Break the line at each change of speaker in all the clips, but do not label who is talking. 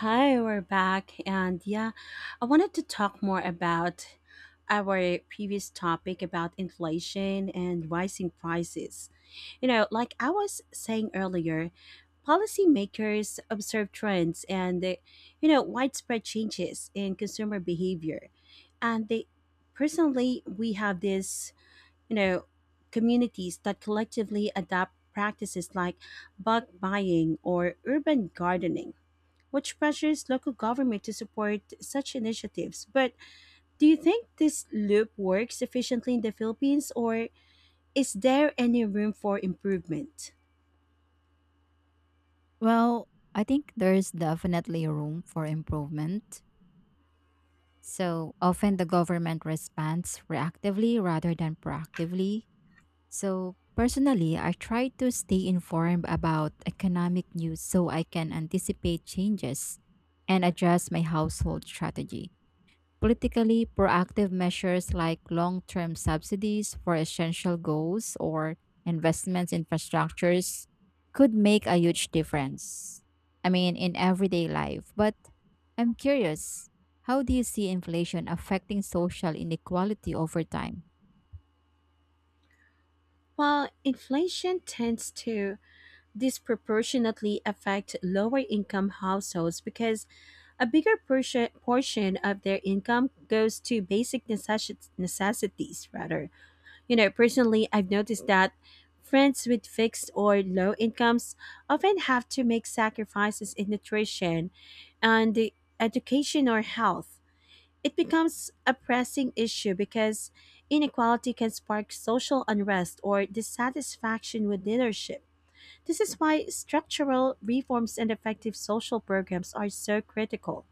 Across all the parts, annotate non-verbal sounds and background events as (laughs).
Hi, we're back. I wanted to talk more about our previous topic about inflation and rising prices. Like I was saying earlier, policymakers observe trends and, they, widespread changes in consumer behavior. And they personally, we have this, you know, communities that collectively adopt practices like bulk buying or urban gardening, which pressures local government to support such initiatives. But do you think this loop works efficiently in the Philippines, or is there any room for improvement?
Well, I think there's definitely room for improvement. So often the government responds reactively rather than proactively. So personally, I try to stay informed about economic news so I can anticipate changes and adjust my household strategy. Politically, proactive measures like long term subsidies for essential goals or investments in infrastructures could make a huge difference. I mean, in everyday life. But I'm curious, how do you see inflation affecting social inequality over time?
While inflation tends to disproportionately affect lower income households because a bigger portion of their income goes to basic necessities rather. Personally, I've noticed that friends with fixed or low incomes often have to make sacrifices in nutrition and the education or health. It becomes a pressing issue because inequality can spark social unrest or dissatisfaction with leadership. This is why structural reforms and effective social programs are so critical.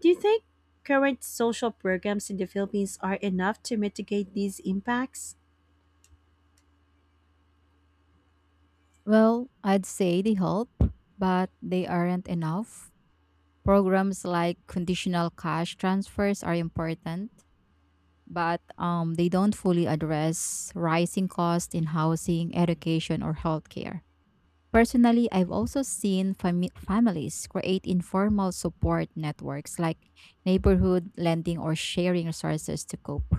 Do you think current social programs in the Philippines are enough to mitigate these impacts?
Well, I'd say they help, but they aren't enough. Programs like conditional cash transfers are important but they don't fully address rising costs in housing, education, or healthcare. Personally, I've also seen families create informal support networks like neighborhood lending or sharing resources to cope.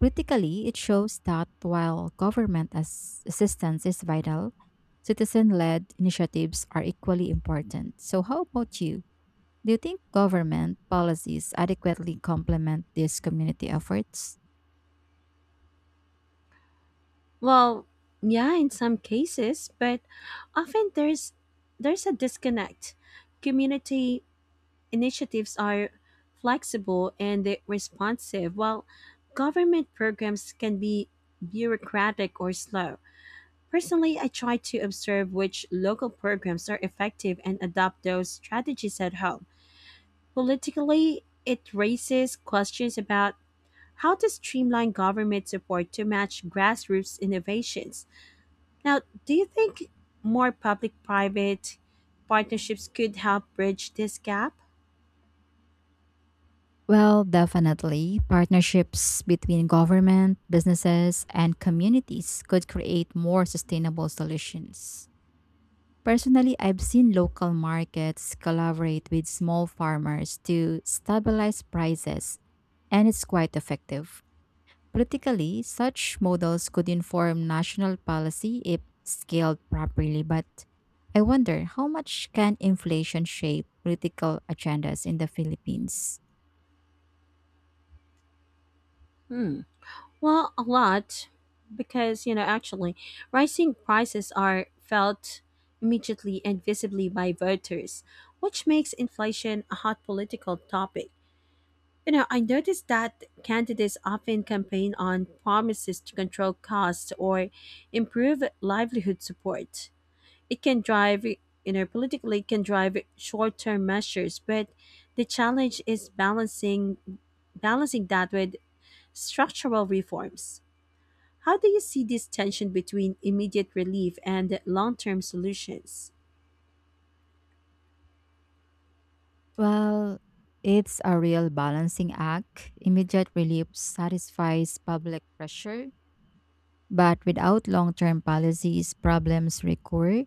Critically, it shows that while government assistance is vital, citizen led initiatives are equally important. So, how about you? Do you think government policies adequately complement these community efforts?
Well, yeah, in some cases, but often there's a disconnect. Community initiatives are flexible and they responsive, while government programs can be bureaucratic or slow. Personally, I try to observe which local programs are effective and adopt those strategies at home. Politically, it raises questions about how to streamline government support to match grassroots innovations. Now, do you think more public private partnerships could help bridge this gap?
Well, definitely. Partnerships between government, businesses, and communities could create more sustainable solutions. Personally, I've seen local markets collaborate with small farmers to stabilize prices, and it's quite effective. Politically, such models could inform national policy if scaled properly, but I wonder how much can inflation shape political agendas in the Philippines?
Hmm. Well, a lot because, actually, rising prices are felt immediately and visibly by voters, which makes inflation a hot political topic. I noticed that candidates often campaign on promises to control costs or improve livelihood support. It can drive, politically, it can drive short-term measures, but the challenge is balancing that with structural reforms. How do you see this tension between immediate relief and long-term solutions?
Well, it's a real balancing act. Immediate relief satisfies public pressure, but without long term policies, problems recur.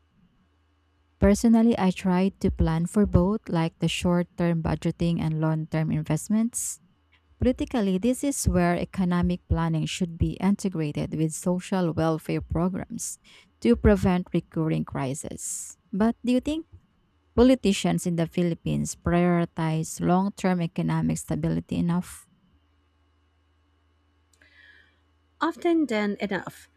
Personally, I try to plan for both, like the short term budgeting and long term investments. Politically, this is where economic planning should be integrated with social welfare programs to prevent recurring crises. But do you think politicians in the Philippines prioritize long term economic stability enough?
Often done enough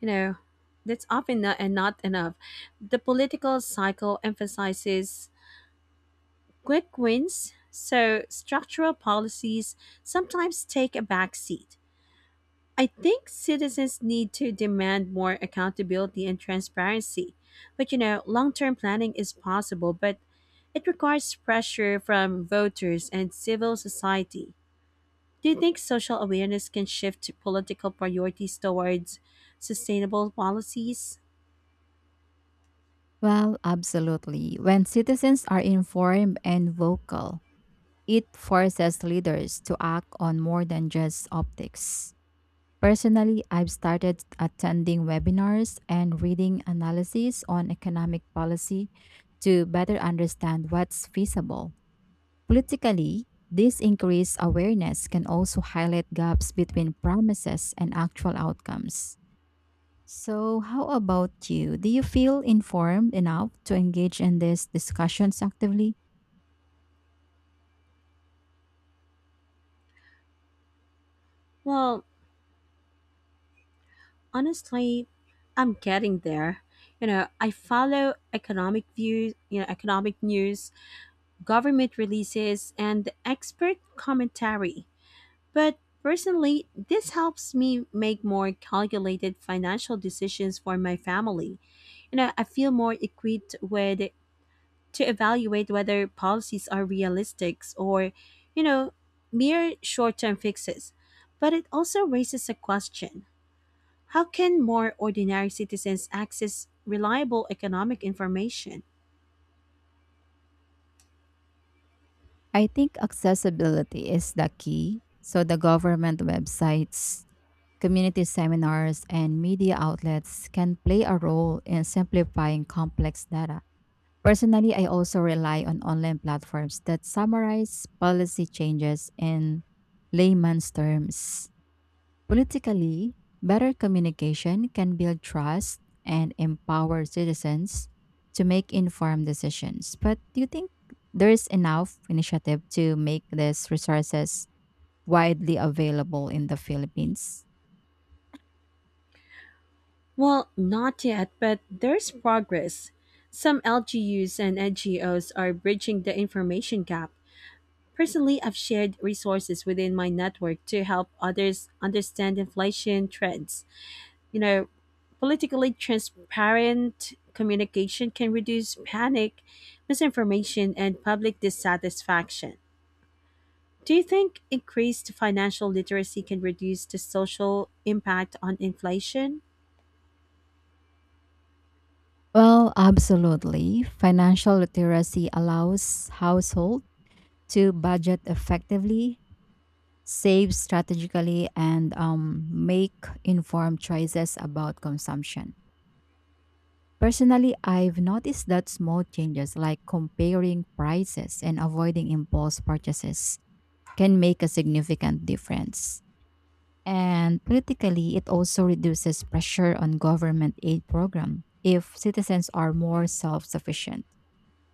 you know That's often not, and not enough. The political cycle emphasizes quick wins, so structural policies sometimes take a back seat. I think citizens need to demand more accountability and transparency. But long term planning is possible, but it requires pressure from voters and civil society. Do you think social awareness can shift political priorities towards sustainable policies?
Well, absolutely. When citizens are informed and vocal, it forces leaders to act on more than just optics. Personally, I've started attending webinars and reading analyses on economic policy to better understand what's feasible. Politically, this increased awareness can also highlight gaps between promises and actual outcomes. So, how about you? Do you feel informed enough to engage in these discussions actively?
Well, honestly, I'm getting there. I follow economic views, you know, economic news, government releases, and expert commentary. But personally, this helps me make more calculated financial decisions for my family. I feel more equipped with to evaluate whether policies are realistic or, you know, mere short-term fixes. But it also raises a question. How can more ordinary citizens access reliable economic information?
I think accessibility is the key. So, the government websites, community seminars, and media outlets can play a role in simplifying complex data. Personally, I also rely on online platforms that summarize policy changes in layman's terms. Politically, better communication can build trust and empower citizens to make informed decisions. But do you think there is enough initiative to make these resources widely available in the Philippines?
Well, not yet, but there's progress. Some LGUs and NGOs are bridging the information gap. Personally, I've shared resources within my network to help others understand inflation trends. You know, Politically, transparent communication can reduce panic, misinformation, and public dissatisfaction. Do you think increased financial literacy can reduce the social impact on inflation?
Well, absolutely. Financial literacy allows households to budget effectively save strategically, and make informed choices about consumption. Personally, I've noticed that small changes like comparing prices and avoiding impulse purchases can make a significant difference. And politically, it also reduces pressure on government aid program if citizens are more self-sufficient.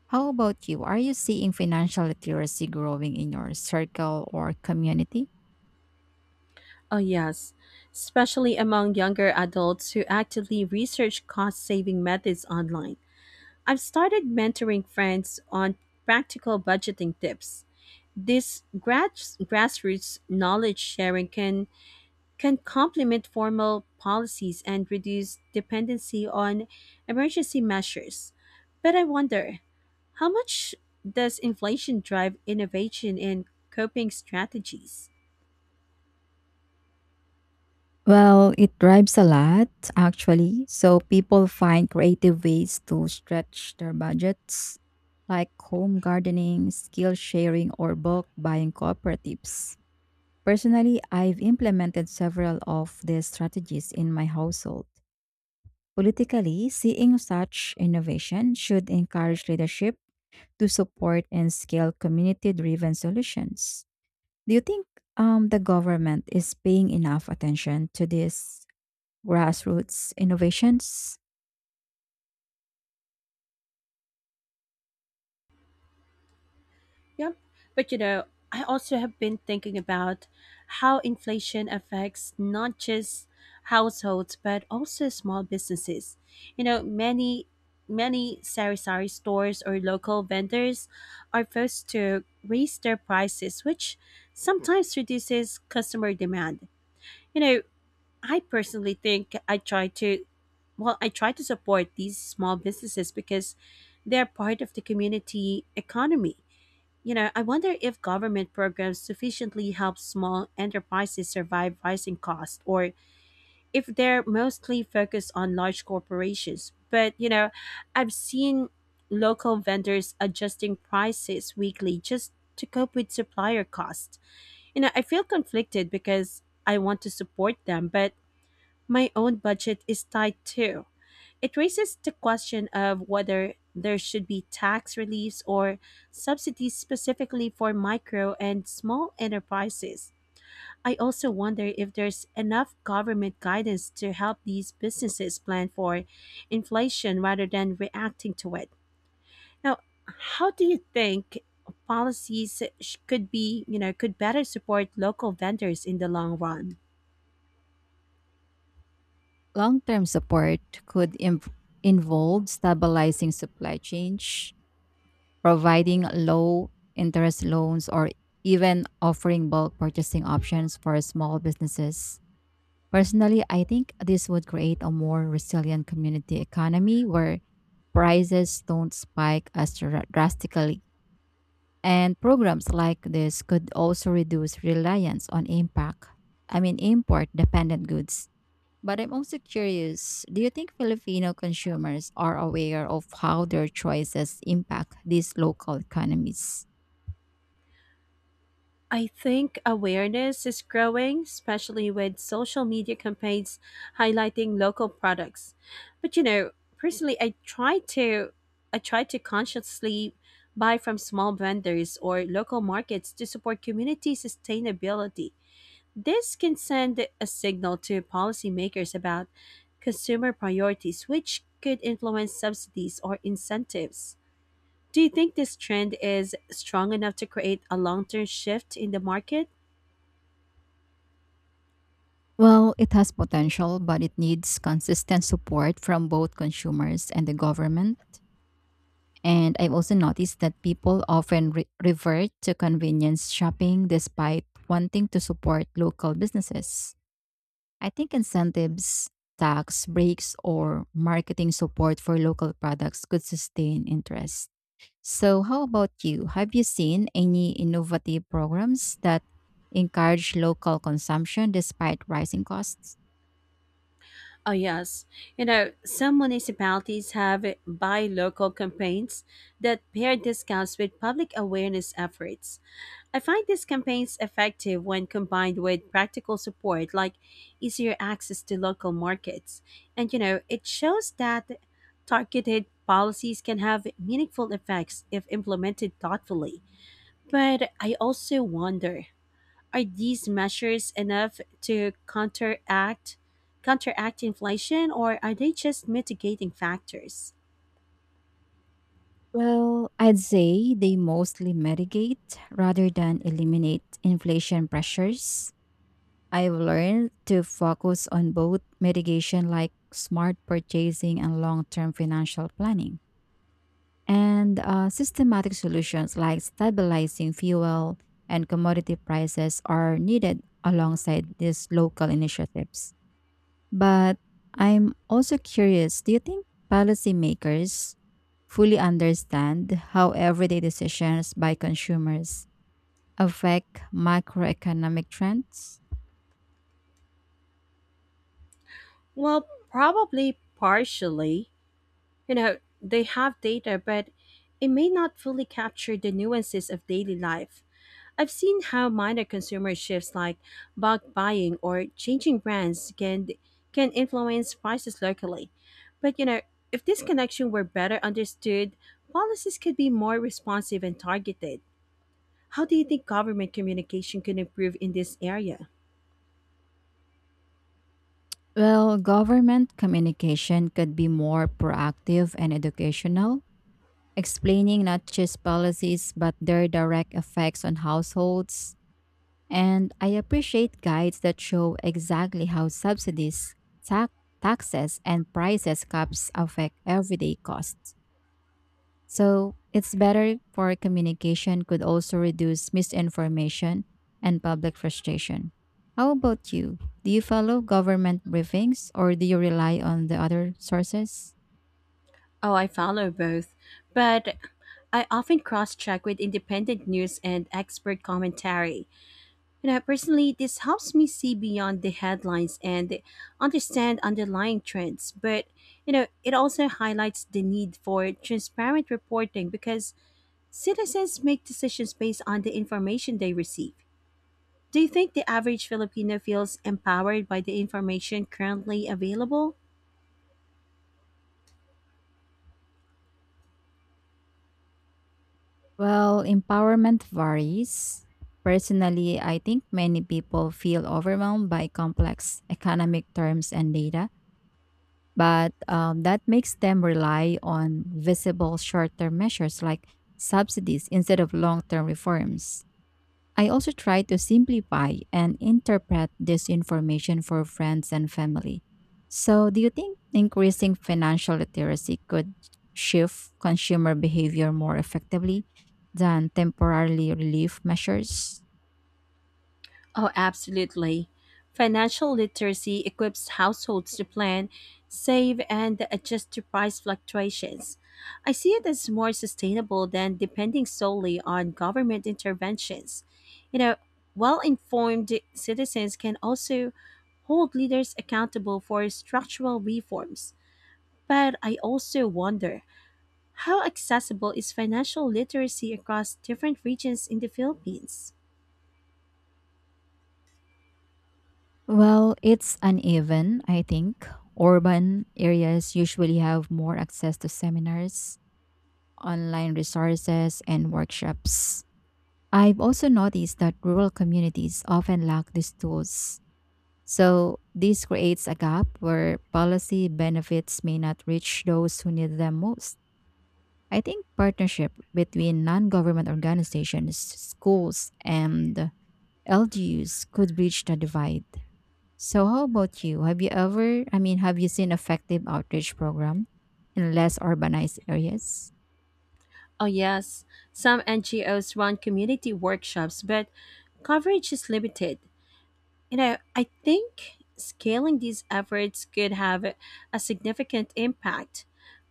How about you? Are you seeing financial literacy growing in your circle or community?
Oh, yes, especially among younger adults who actively research cost saving methods online. I've started mentoring friends on practical budgeting tips. This grassroots knowledge sharing can complement formal policies and reduce dependency on emergency measures. But I wonder, how much does inflation drive innovation in coping strategies?
Well, it drives a lot, actually. So people find creative ways to stretch their budgets, like home gardening, skill sharing, or bulk buying cooperatives. Personally, I've implemented several of these strategies in my household. Politically, seeing such innovation should encourage leadership to support and scale community driven solutions. Do you think the government is paying enough attention to this grassroots innovations?
Yep. But I also have been thinking about how inflation affects not just households but also small businesses. You know, many many sari-sari stores or local vendors are forced to raise their prices, which sometimes reduces customer demand. You know, I personally think I try to, well, I try to support these small businesses because they're part of the community economy. I wonder if government programs sufficiently help small enterprises survive rising costs or if they're mostly focused on large corporations. But, I've seen local vendors adjusting prices weekly just to cope with supplier costs. I feel conflicted because I want to support them, but my own budget is tight too. It raises the question of whether there should be tax reliefs or subsidies specifically for micro and small enterprises. I also wonder if there's enough government guidance to help these businesses plan for inflation rather than reacting to it. Now, how do you think policies could be, could better support local vendors in the long run?
Long term support could involve stabilizing supply chains, providing low interest loans, or even offering bulk purchasing options for small businesses. Personally, I think this would create a more resilient community economy where prices don't spike as drastically. And programs like this could also reduce reliance on import dependent goods. But I'm also curious, do you think Filipino consumers are aware of how their choices impact these local economies?
I think awareness is growing, especially with social media campaigns highlighting local products. But personally I try to consciously buy from small vendors or local markets to support community sustainability. This can send a signal to policymakers about consumer priorities which could influence subsidies or incentives. Do you think this trend is strong enough to create a long-term shift in the market?
Well, it has potential, but it needs consistent support from both consumers and the government. And I've also noticed that people often revert to convenience shopping despite wanting to support local businesses. I think incentives, tax breaks, or marketing support for local products could sustain interest. So, how about you? Have you seen any innovative programs that encourage local consumption despite rising costs?
Oh, yes. Some municipalities have buy local campaigns that pair discounts with public awareness efforts. I find these campaigns effective when combined with practical support like easier access to local markets. And, it shows that targeted policies can have meaningful effects if implemented thoughtfully. But I also wonder, are these measures enough to counteract inflation, or are they just mitigating factors?
Well, I'd say they mostly mitigate rather than eliminate inflation pressures. I've learned to focus on both mitigation, like smart purchasing, and long term financial planning. And systematic solutions like stabilizing fuel and commodity prices are needed alongside these local initiatives. But I'm also curious, do you think policymakers fully understand how everyday decisions by consumers affect macroeconomic trends?
Well, probably partially. They have data, but it may not fully capture the nuances of daily life. I've seen how minor consumer shifts like bulk buying or changing brands can influence prices locally. But if this connection were better understood, policies could be more responsive and targeted. How do you think government communication can improve in this area?
Well, government communication could be more proactive and educational, explaining not just policies but their direct effects on households. And I appreciate guides that show exactly how subsidies, tax, taxes, and prices caps affect everyday costs. So it's better for communication could also reduce misinformation and public frustration. How about you? Do you follow government briefings or do you rely on the other sources?
Oh, I follow both, but I often cross check with independent news and expert commentary. Personally, this helps me see beyond the headlines and understand underlying trends. But, it also highlights the need for transparent reporting because citizens make decisions based on the information they receive. Do you think the average Filipino feels empowered by the information currently available?
Well, empowerment varies. Personally, I think many people feel overwhelmed by complex economic terms and data, but that makes them rely on visible short term measures like subsidies instead of long term reforms. I also try to simplify and interpret this information for friends and family. So, do you think increasing financial literacy could shift consumer behavior more effectively than temporarily relief measures?
Oh, absolutely. Financial literacy equips households to plan, save, and adjust to price fluctuations. I see it as more sustainable than depending solely on government interventions. You know, well informed citizens can also hold leaders accountable for structural reforms. But I also wonder, how accessible is financial literacy across different regions in the Philippines?
Well, it's uneven, I think. Urban areas usually have more access to seminars, online resources, and workshops. I've also noticed that rural communities often lack these tools. So this creates a gap where policy benefits may not reach those who need them most. I think partnership between non-government organizations, schools, and LGUs could bridge the divide. So how about you? Have you ever, I mean, Have you seen effective outreach program in less urbanized areas?
Oh, yes. Some NGOs run community workshops, but coverage is limited. I think scaling these efforts could have a significant impact,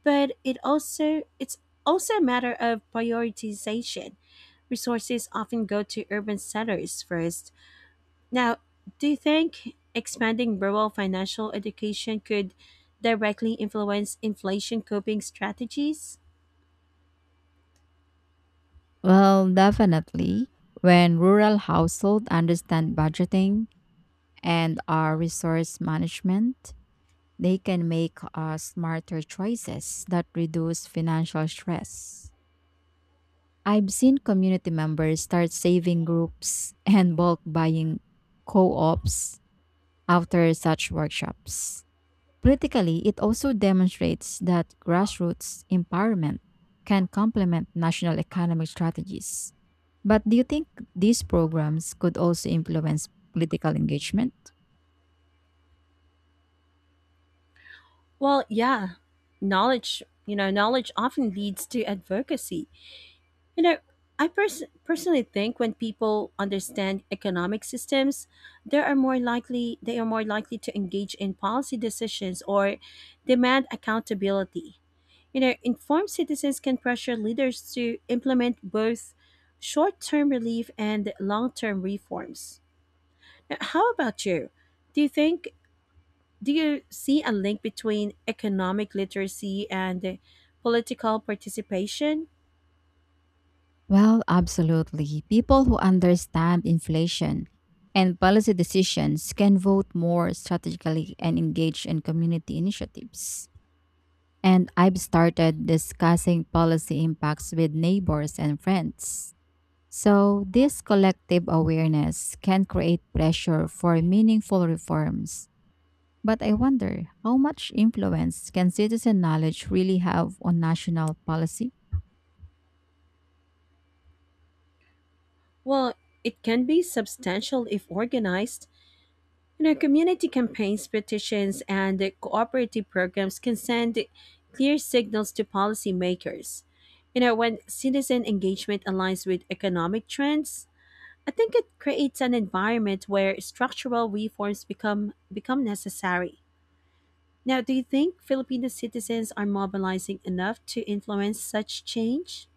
but it's also a matter of prioritization. Resources often go to urban centers first. Now, do you think expanding rural financial education could directly influence inflation coping strategies?
Well, definitely. When rural households understand budgeting and our resource management, they can make smarter choices that reduce financial stress. I've seen community members start saving groups (laughs) and bulk buying co ops after such workshops. Politically, it also demonstrates that grassroots empowerment can complement national economic strategies. But do you think these programs could also influence political engagement?
Well, yeah, knowledge often leads to advocacy. You know, personally think, when people understand economic systems, they are more likely to engage in policy decisions or demand accountability. Informed citizens can pressure leaders to implement both short-term relief and long-term reforms. Now, how about you? Do you think do you see a link between economic literacy and political participation?
Well, absolutely. People who understand inflation and policy decisions can vote more strategically and engage in community initiatives. And I've started discussing policy impacts with neighbors and friends. So, this collective awareness can create pressure for meaningful reforms. But I wonder how much influence can citizen knowledge really have on national policy?
Well, it can be substantial if organized. Community campaigns, petitions, and cooperative programs can send clear signals to policymakers. When citizen engagement aligns with economic trends, I think it creates an environment where structural reforms become necessary. Now, do you think Filipino citizens are mobilizing enough to influence such change?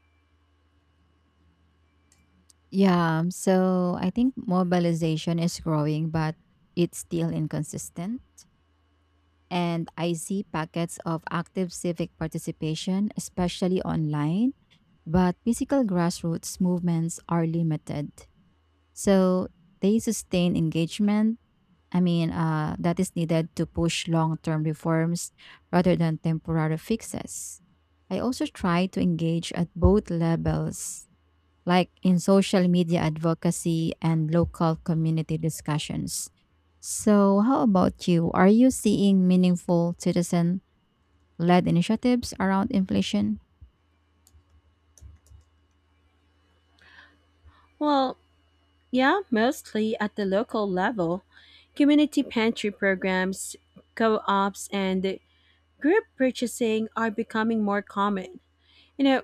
Yeah, so I think mobilization is growing, but it's still inconsistent. And I see packets of active civic participation, especially online, but physical grassroots movements are limited. So they sustain engagement, that is needed to push long term reforms rather than temporary fixes. I also try to engage at both levels, like in social media advocacy and local community discussions. So, how about you? Are you seeing meaningful citizen led initiatives around inflation?
Well, yeah, mostly at the local level. Community pantry programs, co ops, and group purchasing are becoming more common. You know,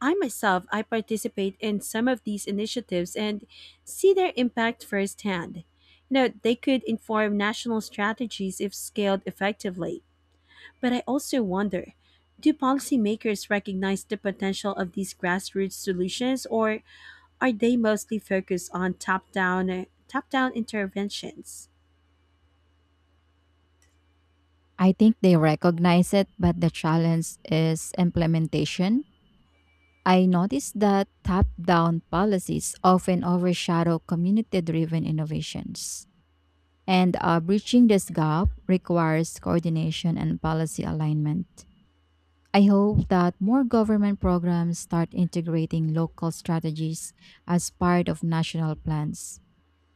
I myself, I participate in some of these initiatives and see their impact firsthand. They could inform national strategies if scaled effectively. But I also wonder, do policymakers recognize the potential of these grassroots solutions, or are they mostly focused on top down interventions?
I think they recognize it, but the challenge is implementation. I noticed that top down policies often overshadow community driven innovations. And bridging this gap requires coordination and policy alignment. I hope that more government programs start integrating local strategies as part of national plans.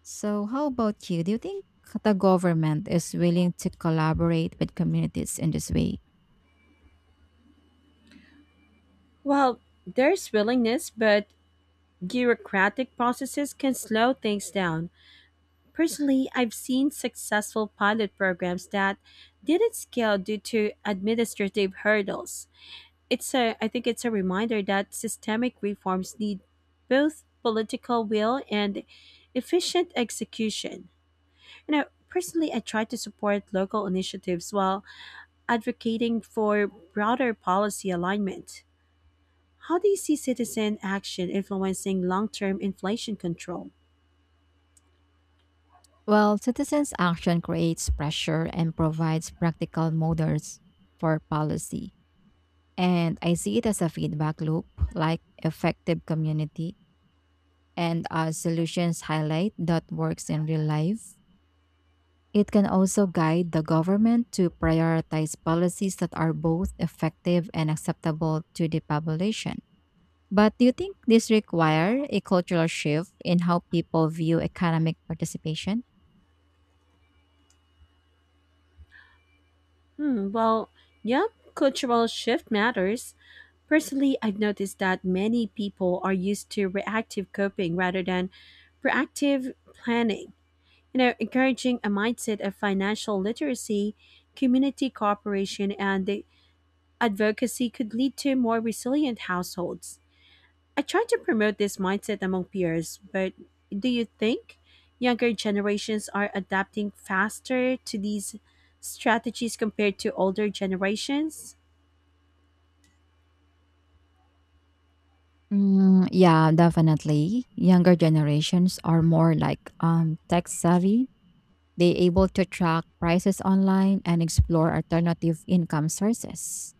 So, how about you? Do you think the government is willing to collaborate with communities in this way?
Well, there's willingness, but bureaucratic processes can slow things down. Personally, I've seen successful pilot programs that didn't scale due to administrative hurdles. It's a I think it's a reminder that systemic reforms need both political will and efficient execution. Personally I try to support local initiatives while advocating for broader policy alignment. How do you see citizen action influencing long-term inflation control?
Well, citizens' action creates pressure and provides practical models for policy. And I see it as a feedback loop, like effective community. And as solutions highlight that works in real life, it can also guide the government to prioritize policies that are both effective and acceptable to the population. But do you think this requires a cultural shift in how people view economic participation?
Well, yeah, cultural shift matters. Personally, I've noticed that many people are used to reactive coping rather than proactive planning. Encouraging a mindset of financial literacy, community cooperation, and the advocacy could lead to more resilient households. I try to promote this mindset among peers, but do you think younger generations are adapting faster to these strategies compared to older generations?
Mm, yeah, definitely. Younger generations are more like tech savvy. They able to track prices online and explore alternative income sources.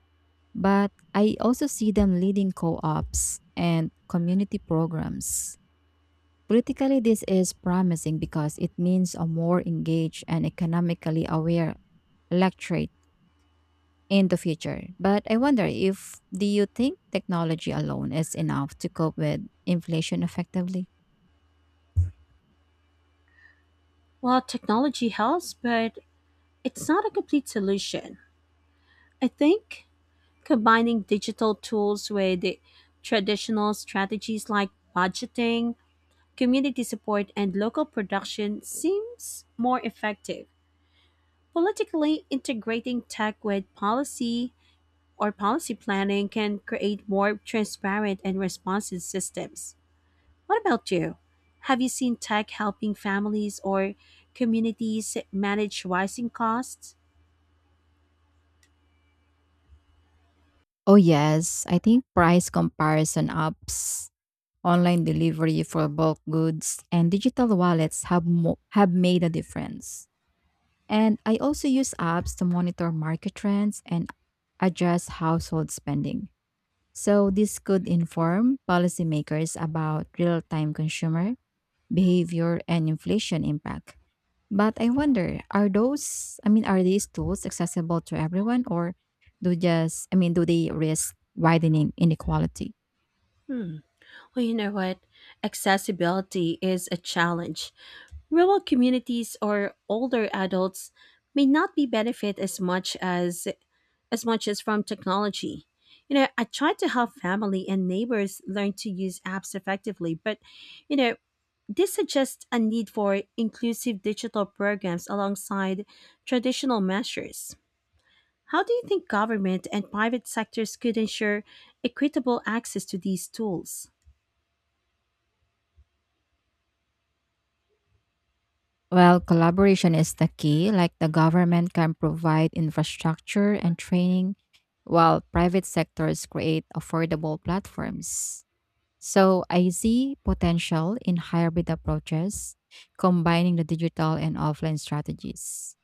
But I also see them leading co-ops and community programs. Politically, this is promising because it means a more engaged and economically aware electorate in the future. But I wonder if, do you think technology alone is enough to cope with inflation effectively?
Well, technology helps, but it's not a complete solution. I think combining digital tools with the traditional strategies like budgeting, community support, and local production seems more effective. Politically, integrating tech with policy or policy planning can create more transparent and responsive systems. What about you? Have you seen tech helping families or communities manage rising costs?
Oh, yes. I think price comparison apps, online delivery for bulk goods, and digital wallets have, have made a difference. And I also use apps to monitor market trends and adjust household spending. So, this could inform policymakers about real time consumer behavior and inflation impact. But I wonder, are those, I mean, are these tools accessible to everyone or do just, I mean, do they risk widening inequality?
Hmm. Well, you know what? Accessibility is a challenge. Rural communities or older adults may not be benefit as much as from technology. I try to help family and neighbors learn to use apps effectively, but you know, this suggests a need for inclusive digital programs alongside traditional measures. How do you think government and private sectors could ensure equitable access to these tools?
Well, collaboration is the key. Like the government can provide infrastructure and training while private sectors create affordable platforms. So I see potential in hybrid approaches, combining the digital and offline strategies.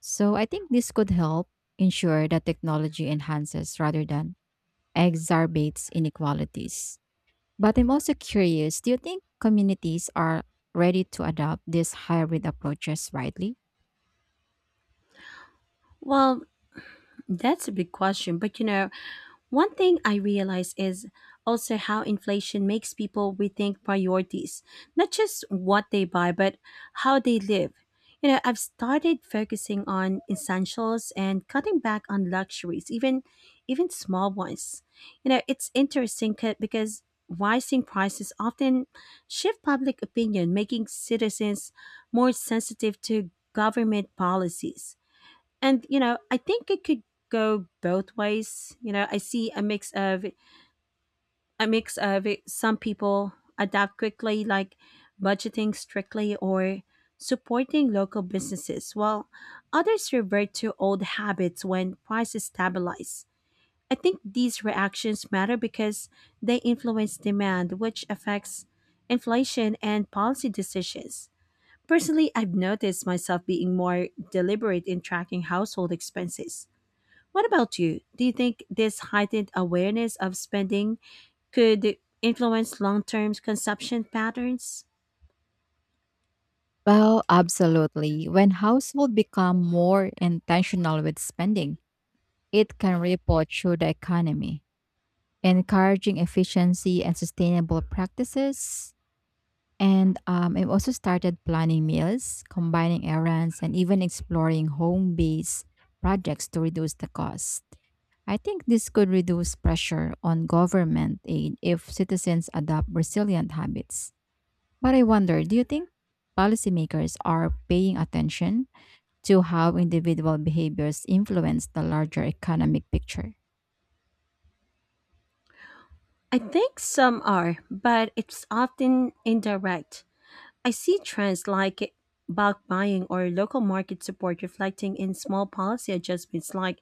So I think this could help ensure that technology enhances rather than exacerbates inequalities. But I'm also curious, do you think communities are ready to adopt these hybrid approaches widely?
Well, that's a big question. But one thing I realize is also how inflation makes people rethink priorities, not just what they buy, but how they live. I've started focusing on essentials and cutting back on luxuries, even small ones. It's interesting because rising prices often shift public opinion, making citizens more sensitive to government policies. And I think it could go both ways. I see a mix of it. Some people adapt quickly, like budgeting strictly or supporting local businesses, while others revert to old habits when prices stabilize. I think these reactions matter because they influence demand, which affects inflation and policy decisions. Personally, I've noticed myself being more deliberate in tracking household expenses. What about you? Do you think this heightened awareness of spending could influence long term consumption patterns?
Well, absolutely. When households become more intentional with spending, it can ripple through the economy, encouraging efficiency and sustainable practices. And I've also started planning meals, combining errands, and even exploring home based projects to reduce the cost. I think this could reduce pressure on government aid if citizens adopt resilient habits. But I wonder, do you think policymakers are paying attention to how individual behaviors influence the larger economic picture?
I think some are, but it's often indirect. I see trends like bulk buying or local market support reflecting in small policy adjustments like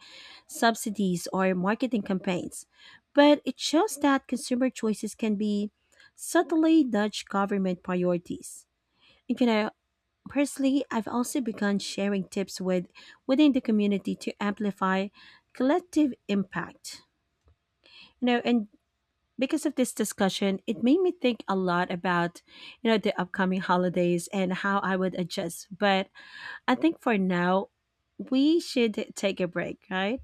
subsidies or marketing campaigns. But it shows that consumer choices can be subtly nudge government priorities. You know, Personally, I've also begun sharing tips with within the community to amplify collective impact. You know, and because of this discussion, it made me think a lot about, the upcoming holidays and how I would adjust. But I think for now, we should take a break, right?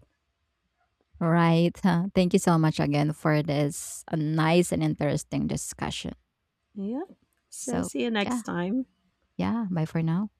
Right. Huh. Thank you so much again for this nice and interesting discussion.
Yep. So
So,
see you next
yeah.
time.
Yeah. Bye for now.